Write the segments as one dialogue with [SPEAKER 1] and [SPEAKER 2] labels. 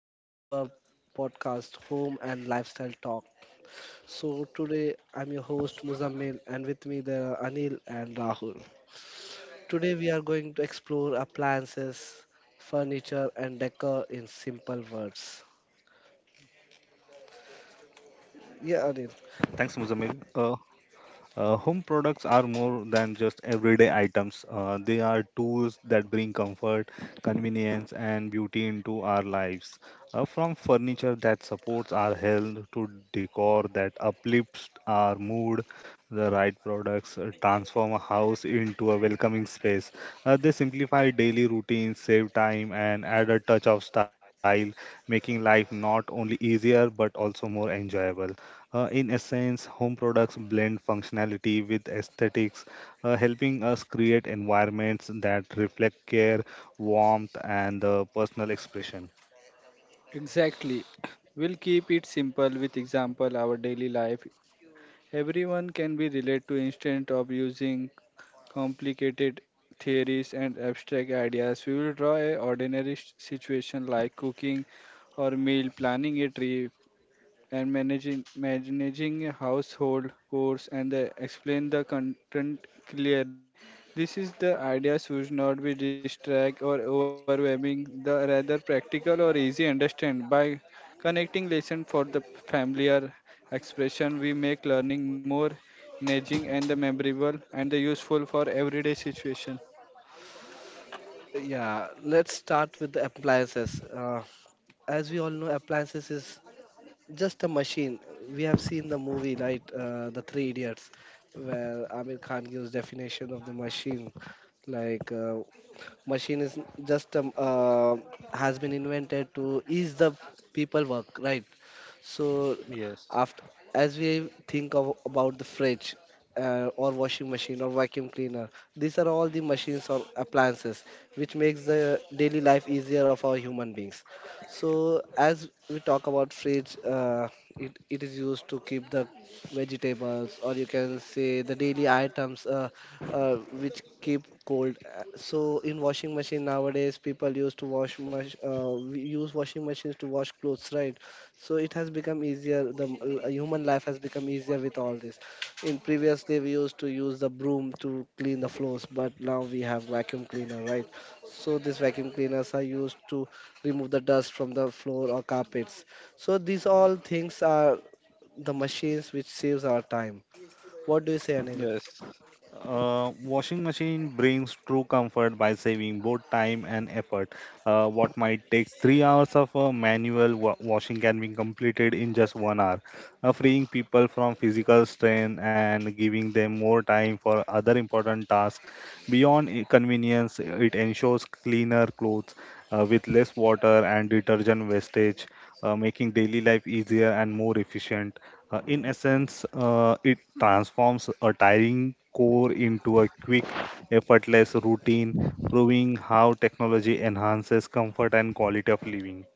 [SPEAKER 1] Welcome to our podcast, Home and Lifestyle Talk. So, today I'm your host, Muzammil, and with me there are Anil and Rahul. Today, we are going to explore appliances, furniture, and decor in simple words. Yeah,
[SPEAKER 2] Thanks,
[SPEAKER 1] Anil.
[SPEAKER 2] Muzammil. Home products are more than just everyday items. They are tools that bring comfort, convenience, and beauty into our lives. From furniture that supports our health to decor that uplifts our mood, the right products transform a house into a welcoming space. They simplify daily routines, save time, and add a touch of style, making life not only easier but also more enjoyable. In essence, home products blend functionality with aesthetics, helping us create environments that reflect care, warmth, and personal expression.
[SPEAKER 3] Exactly. We'll keep it simple with example our daily life. Everyone can be relate to instead of using complicated theories and abstract ideas. We will draw a ordinary situation like cooking or meal planning a trip and managing a household course and explain the content clearly. This is the idea should not be distract or overwhelming, the rather practical or easy understand. By connecting lesson for the familiar expression, we make learning more engaging and memorable and useful for everyday situation.
[SPEAKER 1] Yeah, let's start with the appliances. As we all know, appliances is just a machine. We have seen the movie, right? The Three Idiots, where Amir Khan gives definition of the machine, like machine is just has been invented to ease the people work, right? So
[SPEAKER 2] Yes.
[SPEAKER 1] after as we think of, about the fridge or washing machine or vacuum cleaner, these are all the machines or appliances which makes the daily life easier of our human beings. So as we talk about fridge, it is used to keep the vegetables or you can say the daily items which keep cold. So in washing machine nowadays people used to wash much we use washing machines to wash clothes, right? So it has become easier the human life has become easier with all this. In previously we used to use the broom to clean the floors, but now we have vacuum cleaner, right? So these vacuum cleaners are used to remove the dust from the floor or carpets. So these all things are the machines which saves our time. What do you say, Anil?
[SPEAKER 3] Yes.
[SPEAKER 2] Washing machine brings true comfort by saving both time and effort. What might take 3 hours of washing can be completed in just 1 hour, freeing people from physical strain and giving them more time for other important tasks. Convenience, it ensures cleaner clothes with less water and detergent wastage, making daily life easier and more efficient. In essence, it transforms a tiring core into a quick, effortless routine, proving how technology enhances comfort and quality of living.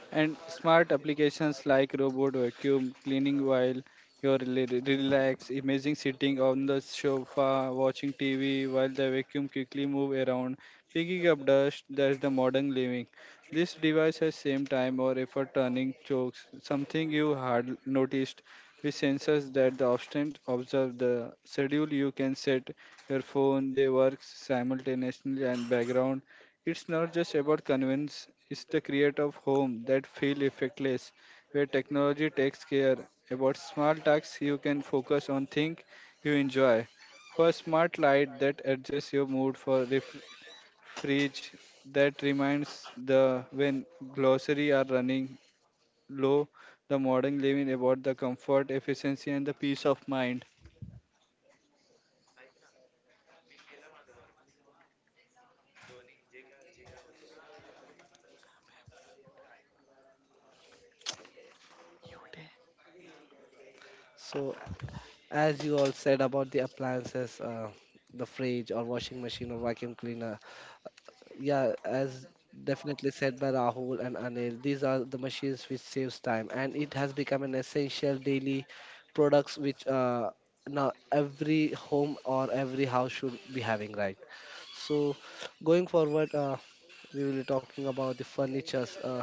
[SPEAKER 3] And smart applications like robot vacuum cleaning while you're relaxed. Imagine sitting on the sofa watching TV while the vacuum quickly move around, picking up dust. That's the modern living. This device has same time or effort turning chokes, something you had noticed with sensors that the obstant observe the schedule you can set your phone, they work simultaneously and background. It's not just about convenience, it's the create of home that feel effectless, where technology takes care. About small tasks you can focus on things you enjoy. For smart light that adjusts your mood for fridge that reminds the when grocery are running low, the modern living about the comfort, efficiency and the peace of mind.
[SPEAKER 1] So as you all said about the appliances, the fridge or washing machine or vacuum cleaner. Yeah, as definitely said by Rahul and Anil, these are the machines which saves time, and it has become an essential daily products which now every home or every house should be having, right? So, going forward, we will be talking about the furnitures.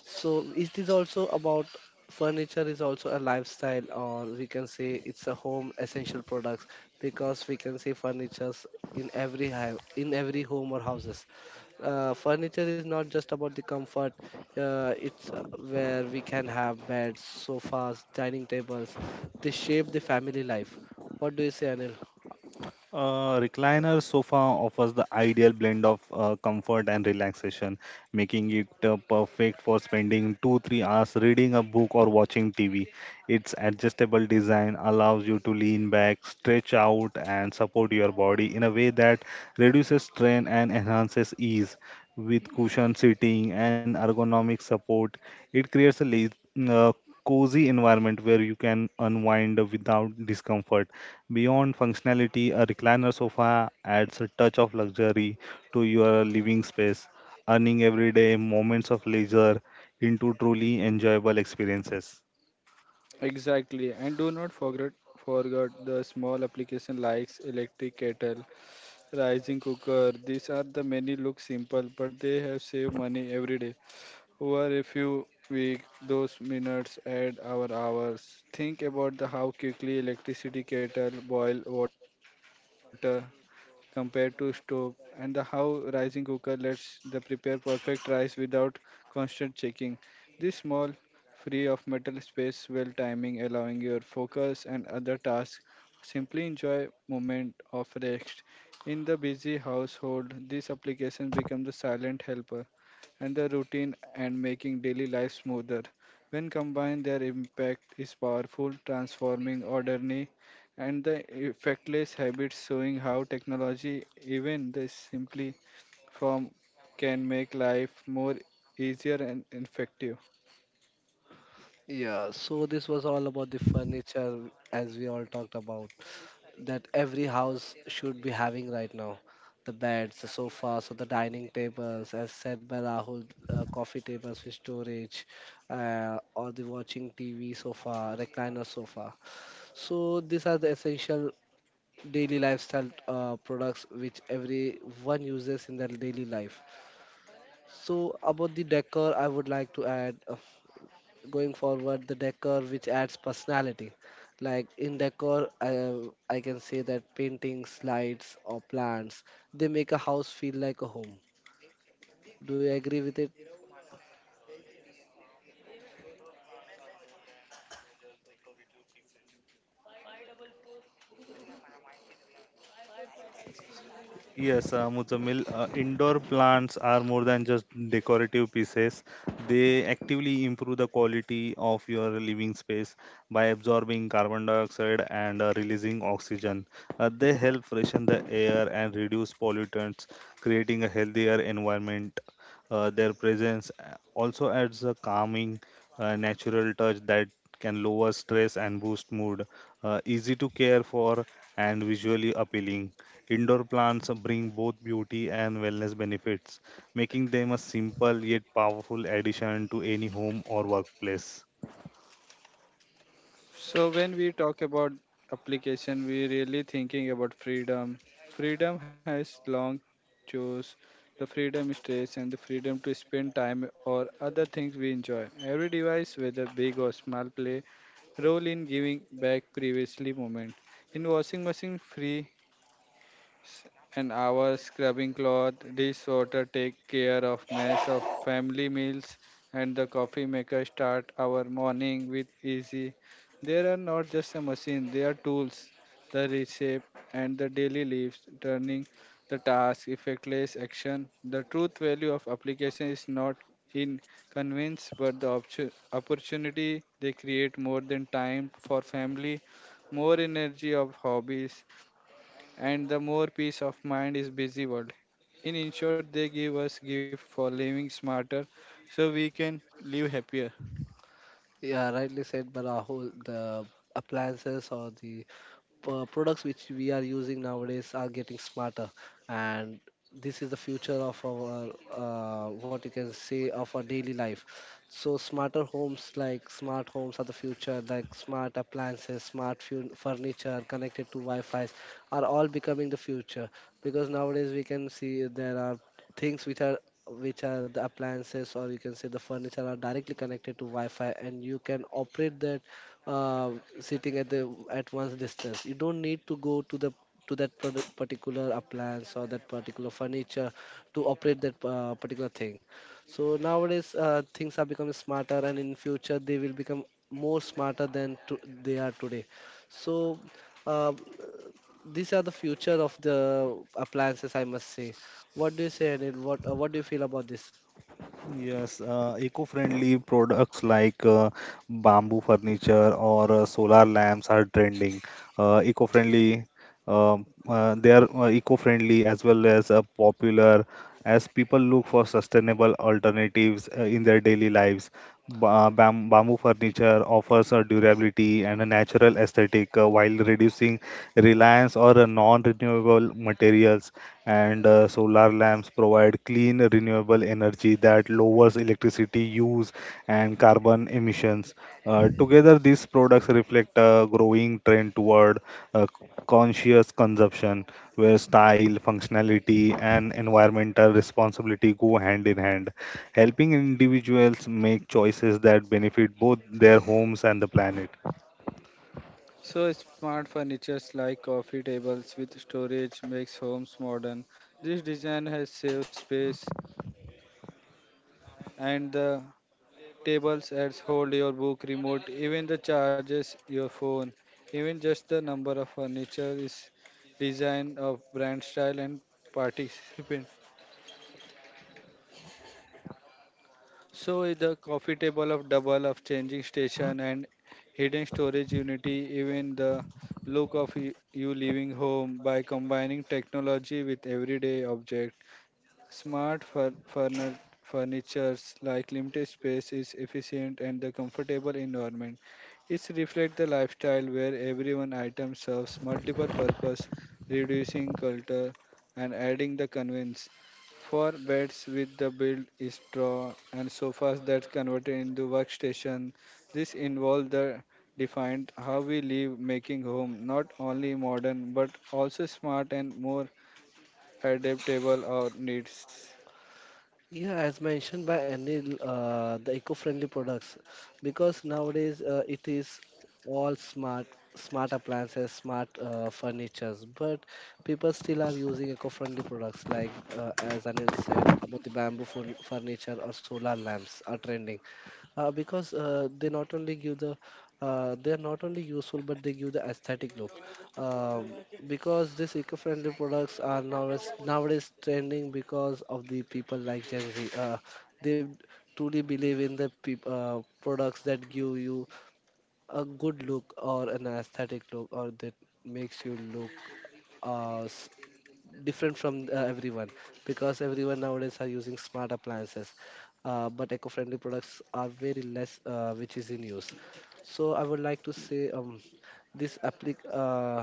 [SPEAKER 1] So, it is also about furniture is also a lifestyle, or we can say it's a home essential products because we can say furnitures in every in every home or houses. Furniture is not just about the comfort, it's where we can have beds, sofas, dining tables. They shape the family life. What do you say, Anil?
[SPEAKER 2] A recliner sofa offers the ideal blend of comfort and relaxation, making it perfect for spending 2 3 hours reading a book or watching TV. Its adjustable design allows you to lean back, stretch out, and support your body in a way that reduces strain and enhances ease. With cushioned seating and ergonomic support, it creates a cozy environment where you can unwind without discomfort. Beyond functionality, a recliner sofa adds a touch of luxury to your living space, turning everyday moments of leisure into truly enjoyable experiences.
[SPEAKER 3] Exactly, and do not forget the small application likes electric kettle rising cooker. These are the many look simple, but they have saved money every day. Over a few weeks, those minutes add our hours. Think about the how quickly electricity kettle boil water compared to stove and the how rising cooker lets the prepare perfect rice without constant checking. This small free of metal space well timing allowing your focus and other tasks simply enjoy moment of rest in the busy household this application becomes the silent helper and the routine and making daily life smoother. When combined, their impact is powerful, transforming ordinary and the effectless habits, showing how technology, even the simply form, can make life more easier and effective.
[SPEAKER 1] Yeah, so this was all about the furniture. As we all talked about that every house should be having right now, the beds, the sofas, or the dining tables, as said by Rahul, coffee tables with storage, or the watching TV sofa, recliner sofa. So these are the essential daily lifestyle products which everyone uses in their daily life. So about the decor, I would like to add going forward the decor which adds personality. Like in decor, I can say that paintings, lights, or plants, they make a house feel like a home. Do you agree with it?
[SPEAKER 2] Yes, Muzamil, indoor plants are more than just decorative pieces. They actively improve the quality of your living space by absorbing carbon dioxide and releasing oxygen. They help freshen the air and reduce pollutants, creating a healthier environment. Their presence also adds a calming, natural touch that can lower stress and boost mood. Easy to care for and visually appealing. Indoor plants bring both beauty and wellness benefits, making them a simple yet powerful addition to any home or workplace.
[SPEAKER 3] So when we talk about application, we really thinking about freedom. Freedom has long chose the freedom stress and the freedom to spend time or other things we enjoy. Every device, whether big or small, play role in giving back previously moment. In washing machine free s- an hour scrubbing cloth, dish water take care of mess of family meals, and the coffee maker start our morning with easy. They are not just a machine, they are tools. The reshape and the daily lives, turning the task, effectless action. The truth value of application is not in convenience, but the opportunity they create more than time for family, more energy of hobbies and the more peace of mind is busy world. In short, they give us gift for living smarter so we can live happier.
[SPEAKER 1] Yeah, rightly said, Barahul. The appliances or the products which we are using nowadays are getting smarter, and this is the future of our what you can say of our daily life. So smarter homes, like smart homes are the future. Like smart appliances, smart furniture connected to wi-fi's are all becoming the future, because nowadays we can see there are things which are the appliances, or you can say the furniture are directly connected to wi-fi and you can operate that uh, sitting at the at one's distance. You don't need to go to the to that particular appliance or that particular furniture to operate that particular thing. So nowadays things are becoming smarter, and in future they will become more smarter than to, they are today. So uh, these are the future of the appliances, I must say. What do you say, Anil? What do you feel about this?
[SPEAKER 2] Yes, eco-friendly products like bamboo furniture or solar lamps are trending. Eco-friendly, they are eco-friendly as well as popular as people look for sustainable alternatives in their daily lives. Bamboo furniture offers a durability and a natural aesthetic while reducing reliance on non-renewable materials. And solar lamps provide clean, renewable energy that lowers electricity use and carbon emissions. Together, these products reflect a growing trend toward uh, conscious consumption, where style, functionality, and environmental responsibility go hand in hand, helping individuals make choices that benefit both their homes and the planet.
[SPEAKER 3] So smart furnitures like coffee tables with storage makes homes modern. This design has saved space and the tables adds hold your book, remote, even the charges your phone. Even just the number of furniture is design of brand style and participant. So the coffee table of double of changing station and hidden storage unity, even the look of you leaving home by combining technology with everyday object. Smart furnitures like limited space is efficient and the comfortable environment. It reflects the lifestyle where every one item serves multiple purpose, reducing clutter and adding the convenience. For beds with the built is straw and sofas that converted into workstation, this involved the defined how we live making home not only modern but also smart and more adaptable our needs.
[SPEAKER 1] Yeah, as mentioned by Anil, the eco-friendly products, because nowadays it is all smart, smart appliances, smart furnitures, but people still are using eco-friendly products like, as Anil said, about the bamboo furniture or solar lamps are trending. Because they not only give the they are not only useful but they give the aesthetic look, um, because these eco-friendly products are nowadays trending because of the people like Gen Z. They truly believe in the products that give you a good look or an aesthetic look, or that makes you look uh, different from everyone, because everyone nowadays are using smart appliances, but eco-friendly products are very less which is in use. So I would like to say this applic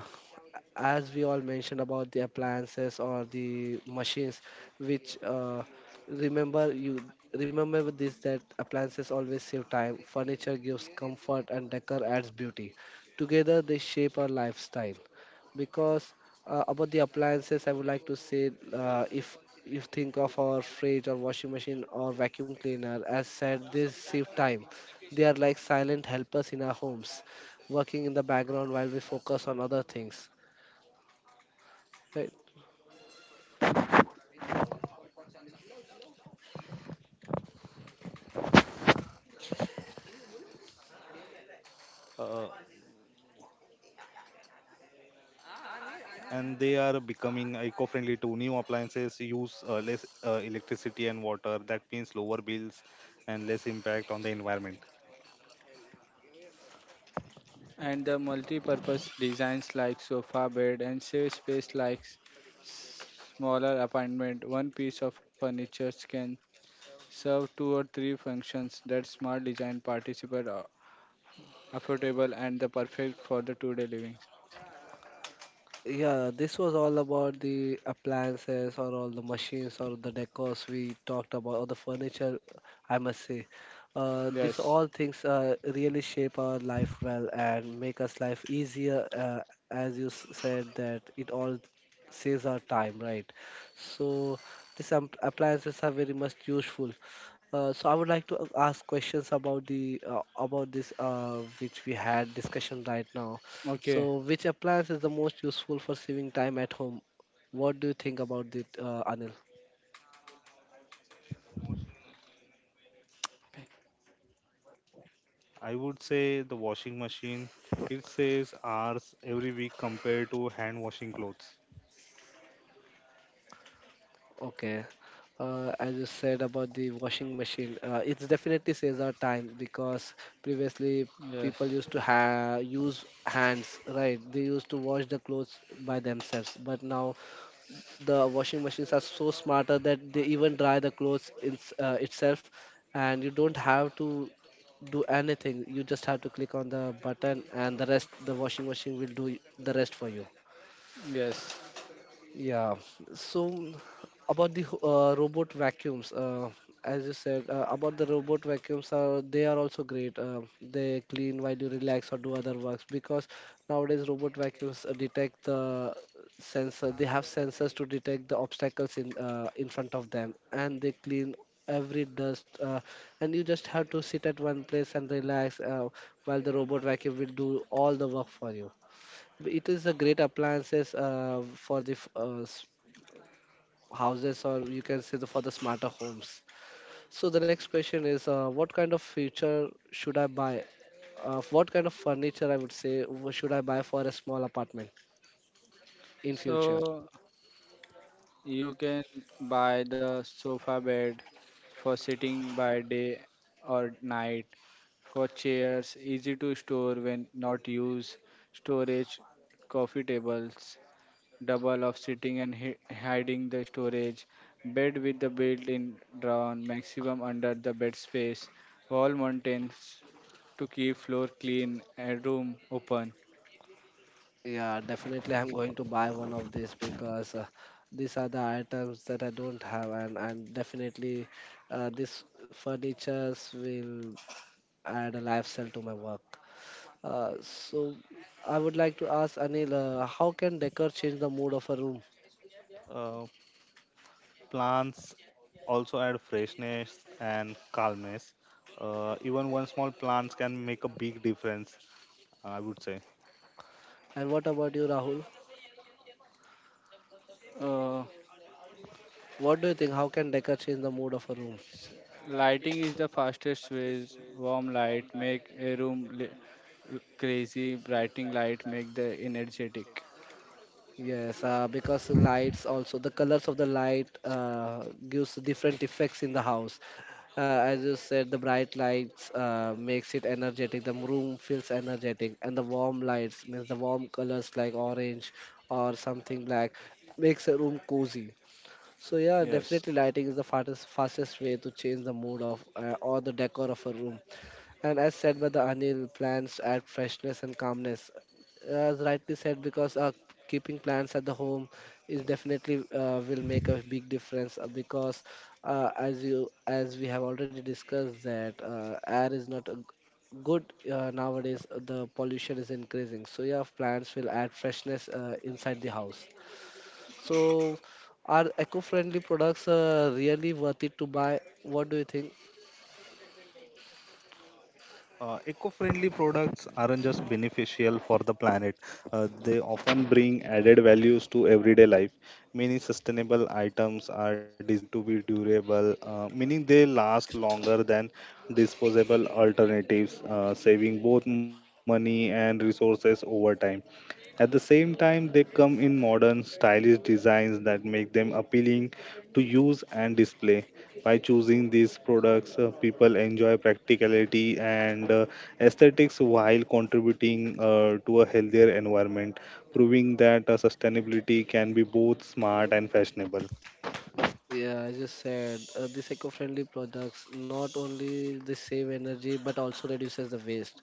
[SPEAKER 1] as we all mentioned about the appliances or the machines which remember you remember with this that appliances always save time, furniture gives comfort, and decor adds beauty. Together they shape our lifestyle. Because about the appliances, I would like to say if you think of our fridge or washing machine or vacuum cleaner, as said, they save time. They are like silent helpers in our homes, working in the background while we focus on other things. Right?
[SPEAKER 2] Uh, and they are becoming eco-friendly to new appliances, use less electricity and water. That means lower bills and less impact on the environment.
[SPEAKER 3] And the multi-purpose designs like sofa bed and safe space like s- smaller apartment one piece of furniture can serve two or three functions that smart design participate are affordable and the perfect for the two-day livings.
[SPEAKER 1] Yeah, this was all about the appliances or all the machines or the decors we talked about or the furniture, I must say. These
[SPEAKER 3] Yes.
[SPEAKER 1] all things really shape our life well and make us life easier, as you said that it all saves our time, right? So these appliances are very much useful. So I would like to ask questions about the about this which we had discussion right now.
[SPEAKER 3] Okay.
[SPEAKER 1] So, which appliance is the most useful for saving time at home? What do you think about it, Anil?
[SPEAKER 2] I would say the washing machine, it saves hours every week compared to hand washing clothes.
[SPEAKER 1] Okay. As you said about the washing machine, it definitely saves our time because previously
[SPEAKER 3] Yes.
[SPEAKER 1] people used to use hands, right? They used to wash the clothes by themselves, but now the washing machines are so smarter that they even dry the clothes in, itself, and you don't have to do anything. You just have to click on the button, and the rest the washing machine will do the rest for you.
[SPEAKER 3] Yes.
[SPEAKER 1] Yeah. So about the robot vacuums, as you said, about the robot vacuums are they are also great. They clean while you relax or do other works, because nowadays robot vacuums detect the sensor. They have sensors to detect the obstacles in front of them, and they clean every dust. And you just have to sit at one place and relax while the robot vacuum will do all the work for you. It is a great appliances for the f- s- houses, or you can say the, for the smarter homes. So the next question is what kind of feature should I buy? What kind of furniture I would say should I buy for a small apartment in future?
[SPEAKER 3] So you can buy the sofa bed for sitting by day or night, for chairs, easy to store when not used, storage, coffee tables, double of sitting and hiding the storage, bed with the built-in drawer, maximum under the bed space, wall mountains to keep floor clean and room open.
[SPEAKER 1] Yeah, definitely I'm going to buy one of these because these are the items that I don't have, and definitely this furnitures will add a lifestyle to my work. So I would like to ask Anil, how can decor change the mood of a room?
[SPEAKER 2] Uh, Plants also add freshness and calmness. Even one small plant can make a big difference, I would say.
[SPEAKER 1] And what about you, Rahul?
[SPEAKER 3] Uh,
[SPEAKER 1] What do you think? How can decor change the mood of a room?
[SPEAKER 3] Lighting is the fastest ways. Warm light make a room crazy. Brightening light make the energetic.
[SPEAKER 1] Yes, because lights also the colors of the light gives different effects in the house. As you said, the bright lights makes it energetic. The room feels energetic, and the warm lights means the warm colors like orange or something black makes a room cozy. So yeah,
[SPEAKER 3] Yes.
[SPEAKER 1] definitely lighting is the fastest way to change the mood of or the decor of a room. And as said by the Anil, plants add freshness and calmness. As rightly said, because keeping plants at the home is definitely will make a big difference because as we have already discussed that air is not a good nowadays. The pollution is increasing. So yeah, plants will add freshness inside the house. So, are eco-friendly products really worth it to buy? What do you think?
[SPEAKER 2] Eco-friendly products aren't just beneficial for the planet, they often bring added values to everyday life. Many sustainable items are designed to be durable, meaning they last longer than disposable alternatives, saving both money and resources over time. At the same time, they come in modern, stylish designs that make them appealing to use and display. By choosing these products, people enjoy practicality and aesthetics while contributing to a healthier environment, proving that sustainability can be both smart and fashionable.
[SPEAKER 1] Yeah, I just said, these eco-friendly products not only they save energy but also reduces the waste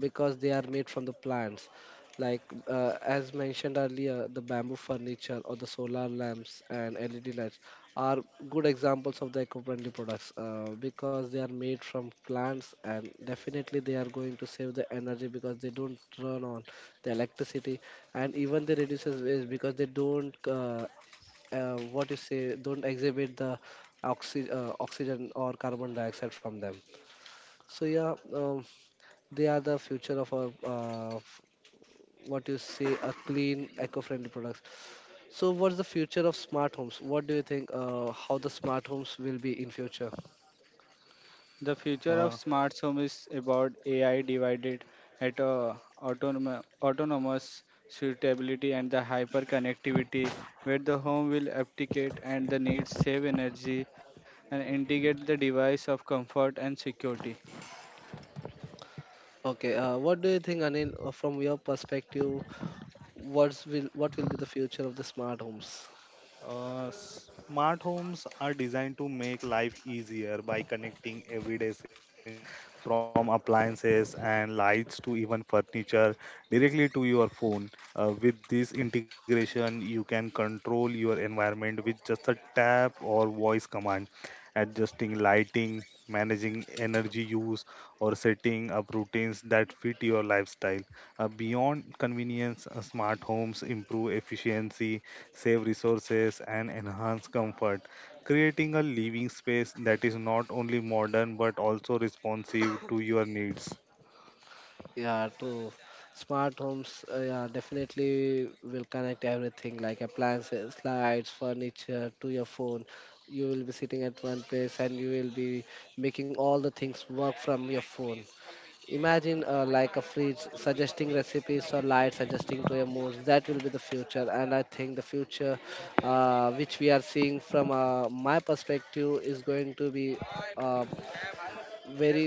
[SPEAKER 1] because they are made from the plants. Like as mentioned earlier, the bamboo furniture or the solar lamps and LED lights are good examples of the eco-friendly products, because they are made from plants and definitely they are going to save the energy because they don't turn on the electricity, and even they reduces waste because they don't what you say don't exhibit the oxygen or carbon dioxide from them. So yeah, they are the future of our what you say a clean eco-friendly products. So what's the future of smart homes, what do you think? How the smart homes will be in future?
[SPEAKER 3] The
[SPEAKER 2] Uh,
[SPEAKER 3] future of smart home is about AI divided at autonomous suitability and the hyper connectivity where the home will abdicate and the needs save energy and integrate the device of comfort and security.
[SPEAKER 1] Okay. What do you think, Anil? From your perspective, what will be the future of the smart homes?
[SPEAKER 2] Smart homes are designed to make life easier by connecting everyday essential from appliances and lights to even furniture directly to your phone. With this integration, you can control your environment with just a tap or voice command, adjusting lighting, managing energy use, or setting up routines that fit your lifestyle. Beyond convenience, smart homes improve efficiency, save resources, and enhance comfort, creating a living space that is not only modern but also responsive to your needs.
[SPEAKER 1] Yeah, true. Smart homes, yeah, definitely will connect everything like appliances, lights, furniture to your phone. You will be sitting at one place and you will be making all the things work from your phone. Imagine like a fridge suggesting recipes or lights suggesting to your moods. That will be the future, and I think the future, which we are seeing from my perspective, is going to be um very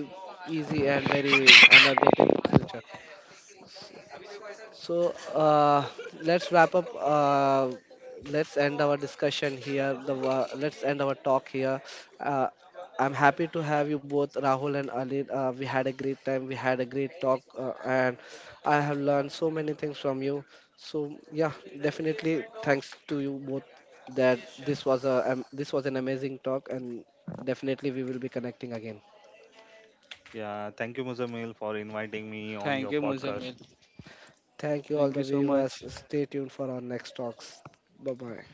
[SPEAKER 1] easy and very energetic future. So let's wrap up. Let's end our discussion here. The let's end our talk here. Uh, I'm happy to have you both, Rahul and Ali. We had a great time. We had a great talk, and I have learned so many things from you. So yeah, definitely thanks to you both. That this was a this was an amazing talk, and definitely we will be connecting again.
[SPEAKER 2] Yeah, thank you, Muzamil, for inviting me on
[SPEAKER 3] Thank you,
[SPEAKER 2] your
[SPEAKER 3] Muzamil.
[SPEAKER 2] podcast.
[SPEAKER 1] Thank you all
[SPEAKER 3] Thank
[SPEAKER 1] the
[SPEAKER 3] you so
[SPEAKER 1] viewers.
[SPEAKER 3] much.
[SPEAKER 1] Stay tuned for our next talks. Bye bye.